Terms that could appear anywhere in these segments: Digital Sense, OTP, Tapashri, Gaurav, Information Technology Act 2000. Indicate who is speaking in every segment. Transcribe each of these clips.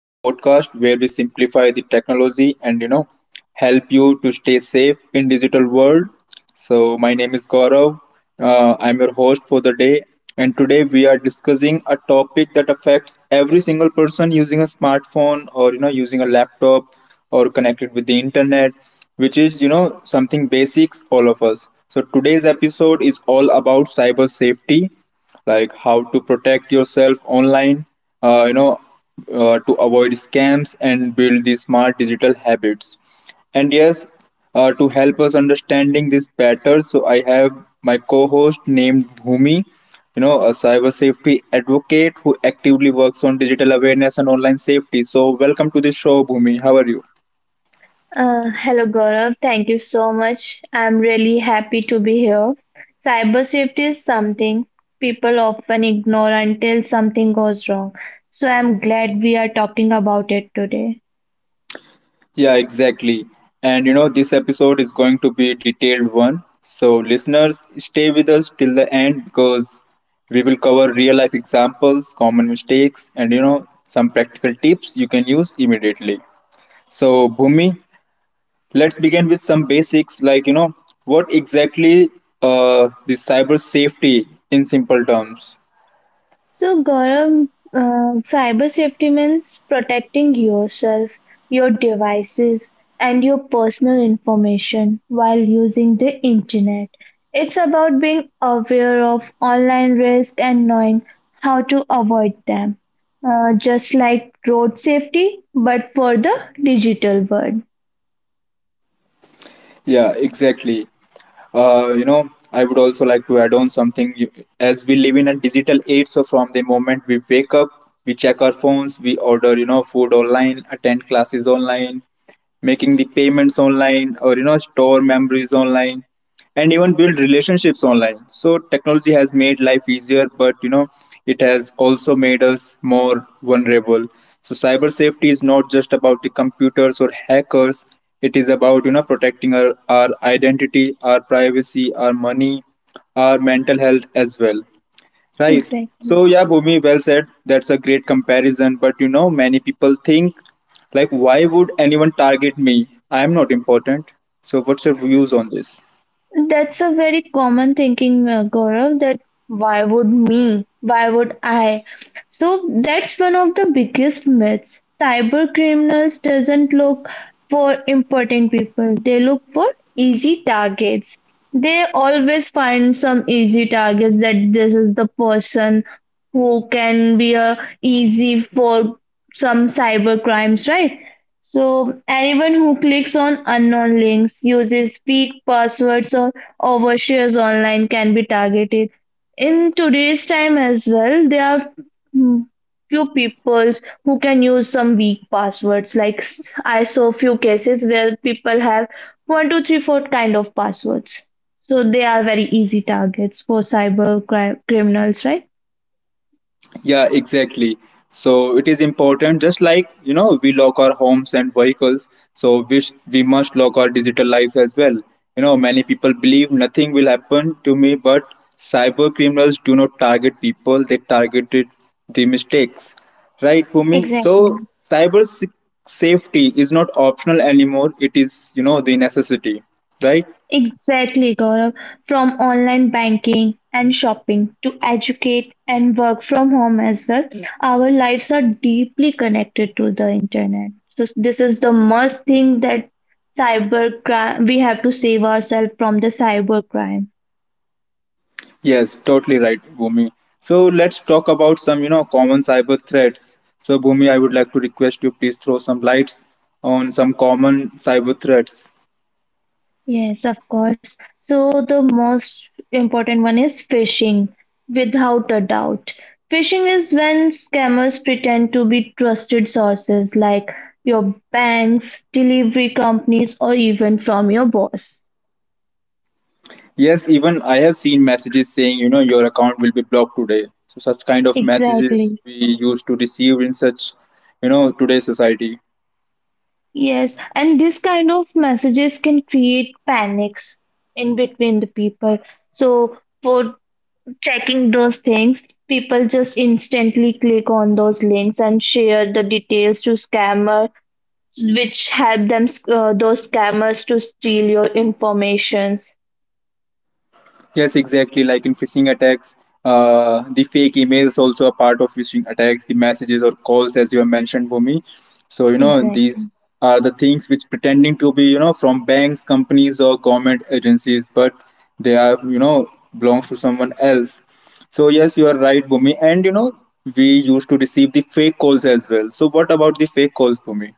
Speaker 1: the podcast where we simplify the technology and help you to stay safe in digital world. So my name is Gaurav. I'm your host for the day, and today we are discussing a topic that affects every single person using a smartphone or using a laptop or connected with the internet, which is something basics all of us. So today's episode is all about cyber safety, like how to protect yourself online, uh, you know to avoid scams and build these smart digital habits. And yes, to help us understanding this better, so I have my co-host named Bhumi, a cyber safety advocate who actively works on digital awareness and online safety. So welcome to the show, Bhumi. How are you?
Speaker 2: Hello Gaurav, thank you so much. I'm really happy to be here. Cyber safety is something people often ignore until something goes wrong. So I'm glad we are talking about it today.
Speaker 1: Yeah, exactly. And you know, this episode is going to be a detailed one. So, listeners, stay with us till the end because we will cover real life examples, common mistakes, and you know, some practical tips you can use immediately. So, Bhumi, let's begin with some basics like, you know, what exactly the cyber safety in simple terms?
Speaker 2: So, Gaurav, cyber safety means protecting yourself, your devices, and your personal information while using the internet. It's about being aware of online risk and knowing how to avoid them, just like road safety, but for the digital world.
Speaker 1: Yeah, exactly. I would also like to add on something. As we live in a digital age, so from the moment we wake up, we check our phones, we order food online, attend classes online, making the payments online, or store memories online, and even build relationships online. So technology has made life easier, but you know, it has also made us more vulnerable. So cyber safety is not just about the computers or hackers, it is about you know protecting our identity, our privacy, our money, our mental health as well, right?
Speaker 2: Exactly.
Speaker 1: So yeah, Bhumi, well said. That's a great comparison, but you know, many people think like, why would anyone target me? I am not important. So what's your views on this?
Speaker 2: That's a very common thinking, Gaurav, that why would me? Why would I? So that's one of the biggest myths. Cyber criminals doesn't look for important people. They look for easy targets. They always find some easy targets that this is the person who can be a easy for some cyber crimes, right? So anyone who clicks on unknown links, uses weak passwords or overshares online can be targeted. In today's time as well, there are mm, few people who can use some weak passwords. Like I saw few cases where people have one, two, three, four kind of passwords. So they are very easy targets for cyber criminals, right?
Speaker 1: Yeah, exactly. So it is important, just like you know, we lock our homes and vehicles, so we must lock our digital lives as well. You know, many people believe nothing will happen to me, but cyber criminals do not target people, they targeted the mistakes, right, Bhumi?
Speaker 2: Exactly.
Speaker 1: So, cyber se- safety is not optional anymore, it is you know, the necessity, right?
Speaker 2: Exactly, Gaurav. From online banking and shopping to educate and work from home as well, our lives are deeply connected to the internet. So this is the must thing that cyber crime. We have to save ourselves from the cyber crime.
Speaker 1: Yes, totally right, Bhumi. So let's talk about some, you know, common cyber threats. So Bhumi, I would like to request you please throw some lights on some common cyber threats.
Speaker 2: Yes, of course. So the most important one is phishing, without a doubt. Phishing is when scammers pretend to be trusted sources like your banks, delivery companies, or even from your boss.
Speaker 1: Yes, even I have seen messages saying, you know, your account will be blocked today. So such kind of messages
Speaker 2: Exactly.
Speaker 1: we used to receive in such, you know, today's society.
Speaker 2: Yes, and this kind of messages can create panics in between the people. So for checking those things, people just instantly click on those links and share the details to scammer, which help them those scammers to steal your informations.
Speaker 1: Yes, exactly. Like in phishing attacks, the fake emails also a part of phishing attacks. The messages or calls, as you have mentioned, Bhumi. So you know these
Speaker 2: Exactly.
Speaker 1: are the things which pretending to be you know from banks, companies, or government agencies, but they are you know belongs to someone else. So yes, you are right, Bhumi. And you know, we used to receive the fake calls as well. So what about the fake calls, Bhumi?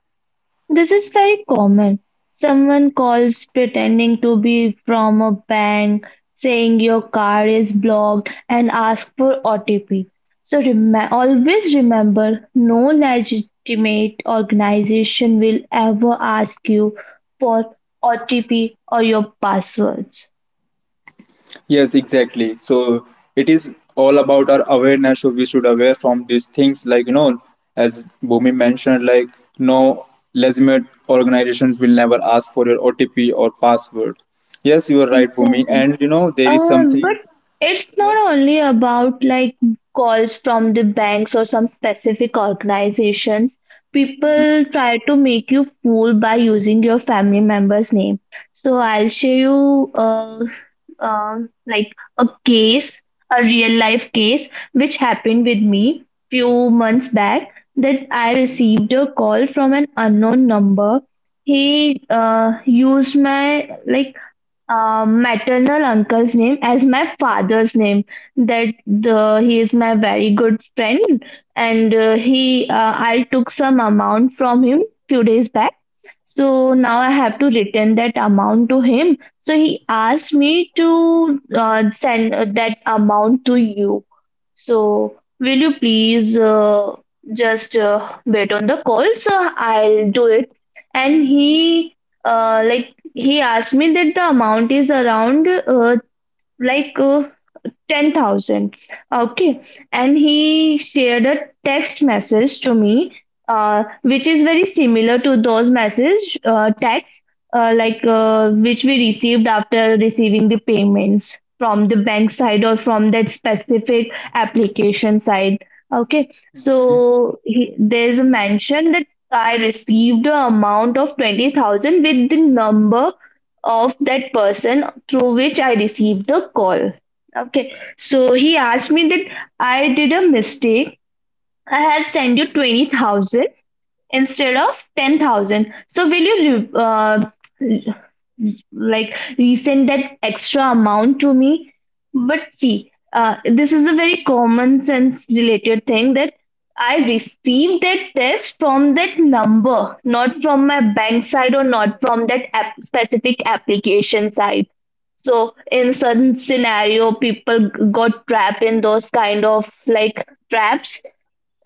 Speaker 2: This is very common. Someone calls pretending to be from a bank, saying your card is blocked, and ask for OTP. So always remember no legitimate organization will ever ask you for OTP or your passwords.
Speaker 1: Yes, exactly. So it is all about our awareness. So we should aware from these things, like you know, as Bhumi mentioned, like no legitimate organizations will never ask for your OTP or password. Yes, you are right, Bhumi.
Speaker 2: Exactly.
Speaker 1: And you know, there is
Speaker 2: But
Speaker 1: something.
Speaker 2: it's
Speaker 1: Yeah.
Speaker 2: not only about like calls from the banks or some specific organizations.
Speaker 1: Mm-hmm.
Speaker 2: People try to make you fool by using your family member's name. So I'll show you uh, like a case, a real life case, which happened with me few months back that I received a call from an unknown number. He used my like maternal uncle's name as my father's name that he is my very good friend and he I took some amount from him few days back, so now I have to return that amount to him. So he asked me to send that amount to you. So will you please just wait on the call? So I'll do it. And he like he asked me that the amount is around like 10,000. Okay. And he shared a text message to me, which is very similar to those message texts, like which we received after receiving the payments from the bank side or from that specific application side. Okay. So there's a mention that I received the amount of 20,000 with the number of that person through which I received the call. Okay, so he asked me that I did a mistake. I have sent you 20,000 instead of 10,000. So will you like resend that extra amount to me? But see, this is a very common sense related thing that I received that test from that number, not from my bank side or not from that specific application side. So in certain scenario, people got trapped in those kind of like traps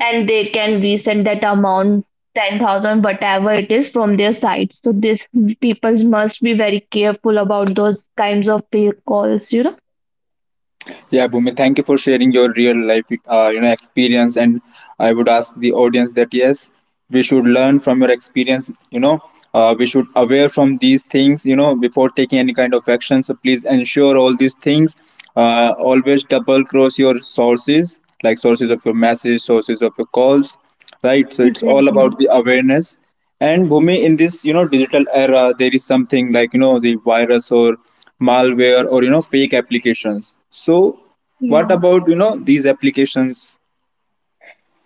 Speaker 2: and they can resend that amount 10,000 whatever it is from their side. So this people must be very careful about those kinds of fake calls.
Speaker 1: Yeah, Bhumi, thank you for sharing your real life, experience. And I would ask the audience that yes, we should learn from your experience. You know, we should aware from these things. You know, before taking any kind of action. So please ensure all these things. Always double cross your sources, like sources of your message, sources of your calls, right? So it's all
Speaker 2: Exactly.
Speaker 1: about the awareness. And Bhumi, in this you know digital era, there is something like you know the virus or malware or you know fake applications, so
Speaker 2: Yeah.
Speaker 1: what about you know these applications?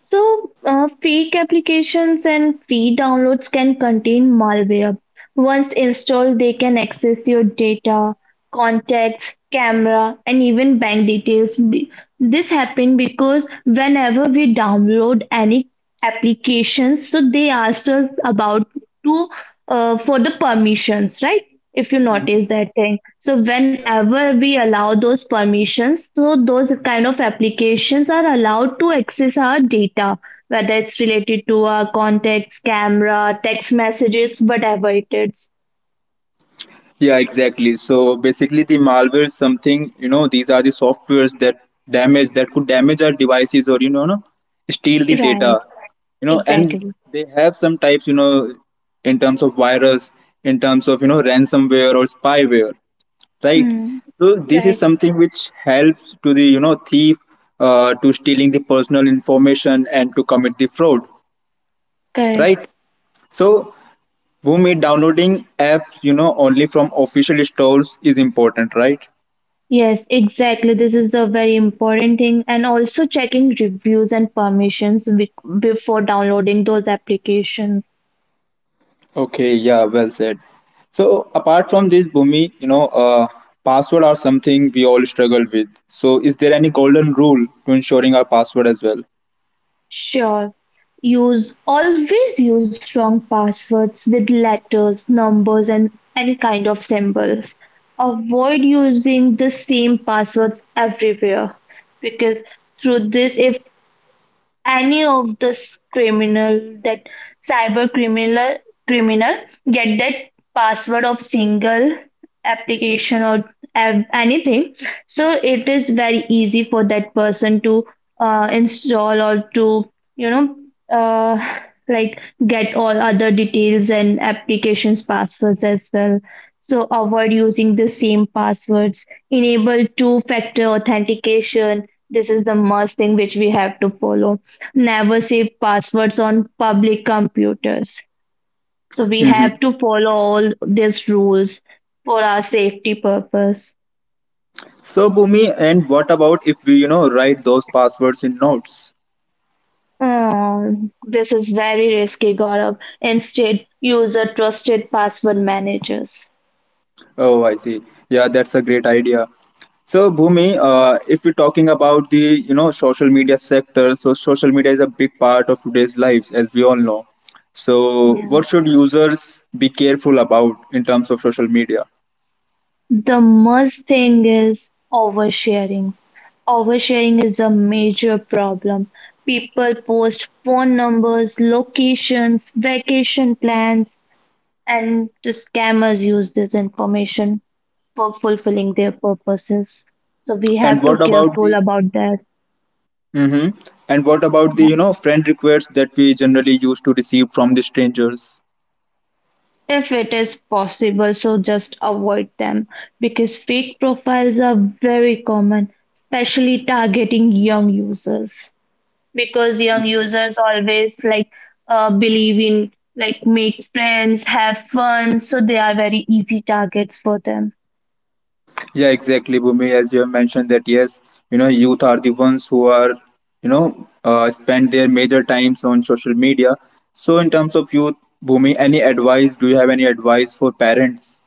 Speaker 2: So, fake applications and free downloads can contain malware. Once installed, they can access your data, contacts, camera, and even bank details. This happened because whenever we download any applications, so they asked us about to for the permissions, right? If you
Speaker 1: Mhm.
Speaker 2: notice that thing. So
Speaker 1: Yeah.
Speaker 2: whenever we allow those permissions, so those kind of applications are allowed to access our data, whether it's related to our contacts, camera, text messages, whatever it is.
Speaker 1: Yeah, exactly. So basically the malware is something you know, these are the softwares that damage that could damage our devices or you know, no, steal the data
Speaker 2: Right,
Speaker 1: you know. And
Speaker 2: exactly.
Speaker 1: they have some types you know, in terms of virus, in terms of you know ransomware or spyware, right?
Speaker 2: Hmm.
Speaker 1: So this is
Speaker 2: Right,
Speaker 1: something which helps to the you know thief, to stealing the personal information and to commit the fraud,
Speaker 2: correct.
Speaker 1: right? So Bhumi, downloading apps you know only from official stores is important, right?
Speaker 2: Yes, exactly. This is a very important thing, and also checking reviews and permissions before downloading those applications.
Speaker 1: Okay, yeah, well said. So apart from this, Bhumi, password are something we all struggle with, so is there any golden rule to ensuring our password as well?
Speaker 2: Sure. Use always use strong passwords with letters, numbers, and any kind of symbols. Avoid using the same passwords everywhere because through this, if any of this criminal that cyber criminal get that password of single application or anything, so it is very easy for that person to install or to you know uh, like get all other details and applications passwords as well. So avoid using the same passwords, enable two factor authentication. This is the must thing which we have to follow. Never save passwords on public computers. So we
Speaker 1: Hmm.
Speaker 2: have to follow all these rules for our safety purpose.
Speaker 1: So Bhumi, and what about if we you know write those passwords in notes?
Speaker 2: Oh, this is very risky, Gaurav. Instead, use a trusted password managers.
Speaker 1: Oh, I see. Yeah, that's a great idea. So, Bhumi, if we're talking about the you know social media sector, so social media is a big part of today's lives, as we all know. So,
Speaker 2: Yeah.
Speaker 1: what should users be careful about in terms of social media?
Speaker 2: The must thing is oversharing. Oversharing is a major problem. People post phone numbers, locations, vacation plans, and the scammers use this information for fulfilling their purposes. So we
Speaker 1: And
Speaker 2: have to
Speaker 1: what about
Speaker 2: careful
Speaker 1: the
Speaker 2: about that.
Speaker 1: mm-hmm. And what about the
Speaker 2: Yeah.
Speaker 1: you know friend requests that we generally used to receive from the strangers?
Speaker 2: If it is possible, so just avoid them because fake profiles are very common, especially targeting young users. Because young users always like believe in like make friends, have fun, so they are very easy targets for them.
Speaker 1: Yeah, exactly, Bhumi. As you have mentioned that yes, you know, youth are the ones who are, you know, spend their major times on social media. So, in terms of youth, Bhumi, any advice? Do you have any advice for parents?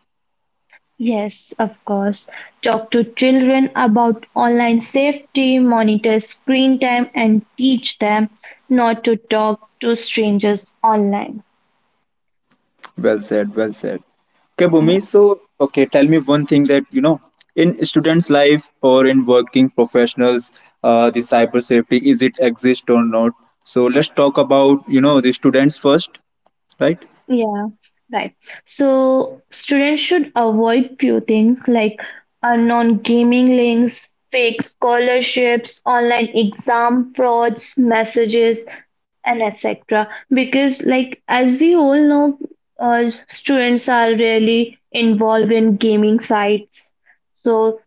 Speaker 2: Yes, of course. Talk to children about online safety, monitor screen time, and teach them not to talk to strangers online.
Speaker 1: Well said. Well said. Okay,
Speaker 2: Yeah,
Speaker 1: Bhumi. So, okay, tell me one thing that you know in students' life or in working professionals, the cyber safety is it exist or not? So, let's talk about you know the students first, right?
Speaker 2: yeah, right. So, students should avoid few things like unknown gaming links, fake scholarships, online exam frauds, messages, and etc. Because, like, as we all know, students are really involved in gaming sites. So,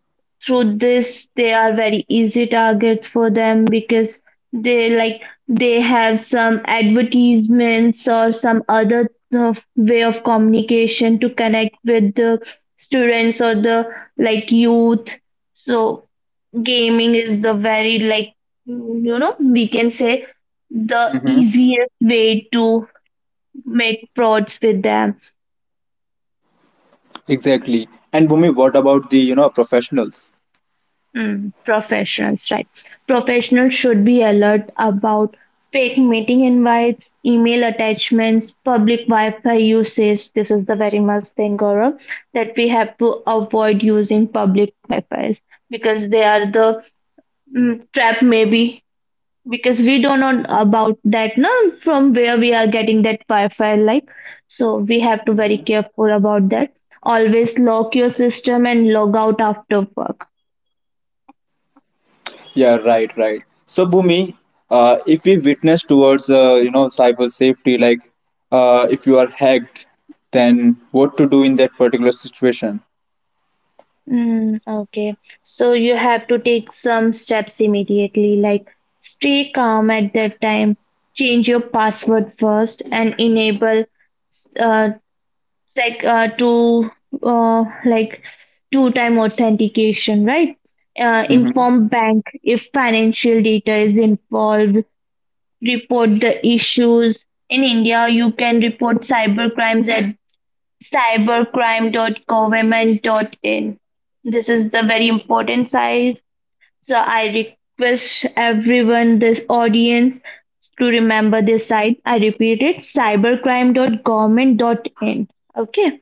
Speaker 2: through this, they are very easy targets for them because they like they have some advertisements or some other way of communication to connect with the students or the like youth. So gaming is the very like we can say the easiest way to make frauds with them.
Speaker 1: Exactly. And Bhumi, what about the you know professionals?
Speaker 2: Professionals, right? Professionals should be alert about fake meeting invites, email attachments, public wi-fi usage. This is the very much thing, Gaurav, that we have to avoid using public wi-fi's because they are the trap maybe, because we don't know about that no, from where we are getting that wi-fi like, so we have to very careful about that. Always lock your system and log out after work.
Speaker 1: Yeah, right, right. So Bhumi, if we witness towards you know cyber safety, like if you are hacked, then what to do in that particular situation?
Speaker 2: Mm, okay, so you have to take some steps immediately like stay calm at that time, change your password first and enable uh, like to like two-time authentication, right? Uh,
Speaker 1: Hmm.
Speaker 2: inform bank if financial data is involved. Report the issues. In India, you can report cyber crimes at cybercrime dot government dot in. This is the very important site. So I request everyone, this audience, to remember this site. I repeat it: cybercrime dot government dot in. Okay.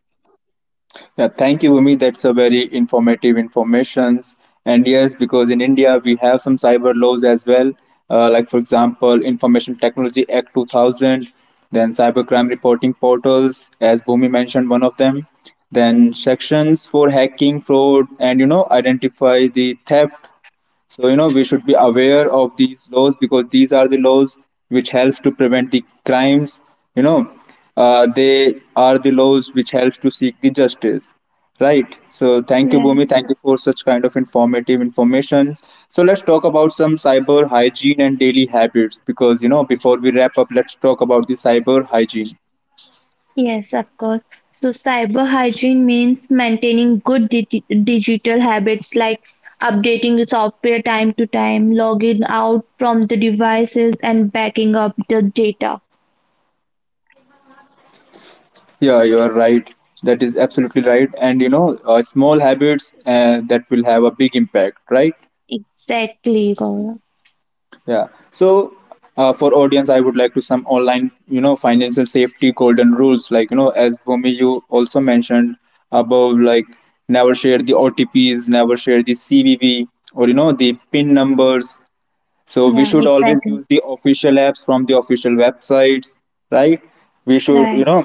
Speaker 1: Yeah, thank you, Umi. That's a very informative informations. And yes, because in India we have some cyber laws as well, like for example, Information Technology Act 2000, then cybercrime reporting portals, as Bhumi mentioned, one of them. Then sections for hacking, fraud, and you know identify the theft, so, you know, we should be aware of these laws because these are the laws which helps to prevent the crimes. You know, they are the laws which helps to seek the justice. Right. So, thank you, Bhumi.
Speaker 2: Right.
Speaker 1: Thank you for such kind of informative information. So, let's talk about some cyber hygiene and daily habits because, you know, before we wrap up, let's talk about the cyber hygiene.
Speaker 2: Yes, of course. So, cyber hygiene means maintaining good digital habits like updating the software time to time, logging out from the devices, and backing up the data.
Speaker 1: Yeah, you are right. That is absolutely right. And you know, small habits that will have a big impact, right?
Speaker 2: Exactly, Gaurav.
Speaker 1: Yeah. So for audience, I would like to some online, you know, financial safety golden rules. Like you know, as Bhumi, you also mentioned above, like never share the OTPs, never share the CVV, or you know, the PIN numbers, so we
Speaker 2: Yeah,
Speaker 1: should always
Speaker 2: exactly.
Speaker 1: use the official apps from the official websites, right? We should, you
Speaker 2: Right,
Speaker 1: know,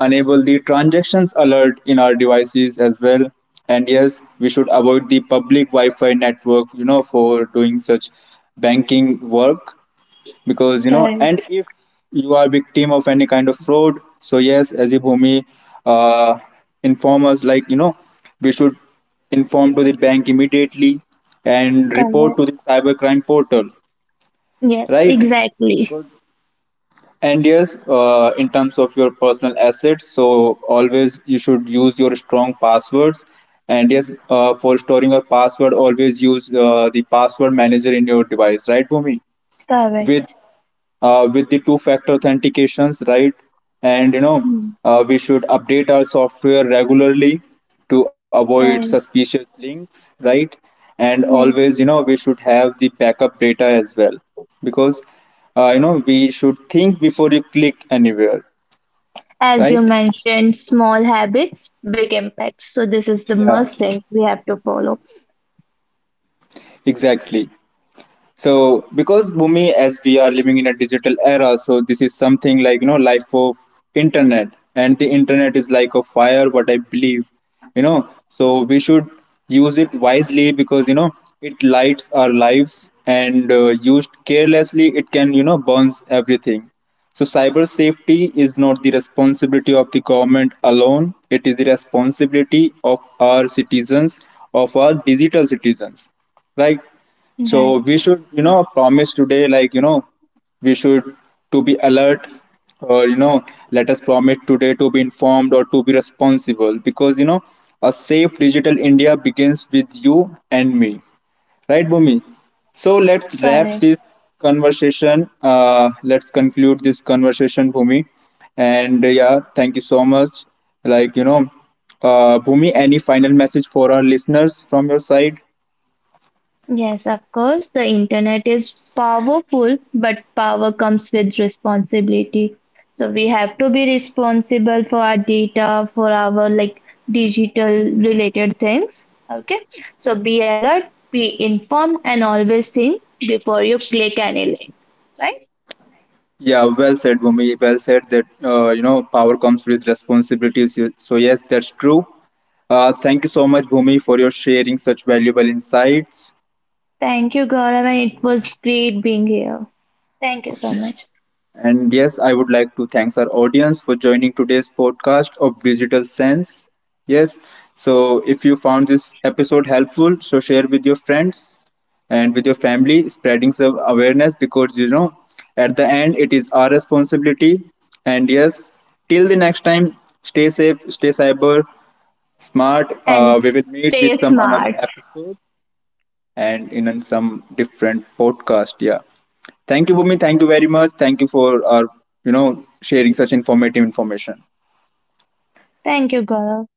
Speaker 1: enable the transactions alert in our devices as well. And yes, we should avoid the public Wi-Fi network, you know, for doing such banking work because you know.
Speaker 2: correct.
Speaker 1: And if you are victim of any kind of fraud, so yes, as a Bhumi uh, inform us, like you know, we should inform to the bank immediately and report to the
Speaker 2: Correct.
Speaker 1: cybercrime portal,
Speaker 2: Yes,
Speaker 1: right?
Speaker 2: exactly.
Speaker 1: Because and yes, in terms of your personal assets, so always you should use your strong passwords. And yes, for storing your password, always use the password manager in your device, right, Bhumi? With
Speaker 2: Correct.
Speaker 1: with the two factor authentications, right? And you know,
Speaker 2: Hmm.
Speaker 1: we should update our software regularly to avoid
Speaker 2: Correct.
Speaker 1: suspicious links, right? And always
Speaker 2: Yes.
Speaker 1: you know we should have the backup data as well because you know we should think before you click anywhere,
Speaker 2: As
Speaker 1: right?
Speaker 2: you mentioned, small habits, big impacts. So, this is the
Speaker 1: Yeah,
Speaker 2: must thing we have to follow.
Speaker 1: exactly. So because Bhumi, as we are living in a digital era, so this is something like you know life of internet, and the internet is like a fire, what I believe, you know. So we should use it wisely because you know it lights our lives, and used carelessly, it can you know burns everything. So cyber safety is not the responsibility of the government alone, it is the responsibility of our citizens, of our digital citizens, right?
Speaker 2: Right.
Speaker 1: So we should, you know, promise today, like, you know, we should to be alert, or, you know, let us promise today to be informed or to be responsible because, you know, a safe digital India begins with you and me. Right, Bhumi? So let's wrap
Speaker 2: Correct.
Speaker 1: this conversation. Let's conclude this conversation, Bhumi. And yeah, thank you so much. Like, you know, Bhumi, any final message for our listeners from your side?
Speaker 2: Yes, of course, the internet is powerful, but power comes with responsibility. So we have to be responsible for our data, for our like digital related things. Okay. So be alert, be informed, and always think before you click any link. Right?
Speaker 1: Yeah, well said, Bhumi. Well said that, you know, power comes with responsibilities. So, so yes, that's true. Thank you so much, Bhumi, for your sharing such valuable insights.
Speaker 2: Thank you, Gaurav, and it was great being here. Thank you so much.
Speaker 1: And yes, I would like to thanks our audience for joining today's podcast of Digital Sense. Yes, so if you found this episode helpful, so share with your friends and with your family, spreading some awareness because you know at the end it is our responsibility. And yes, till the next time, stay safe, stay cyber smart.
Speaker 2: And
Speaker 1: We will meet with
Speaker 2: stay
Speaker 1: some another
Speaker 2: smart.
Speaker 1: episode and some different podcast. Yeah. Thank you, Bhumi. Thank you very much. Thank you for our, you know, sharing such informative information.
Speaker 2: Thank you, Gaurav.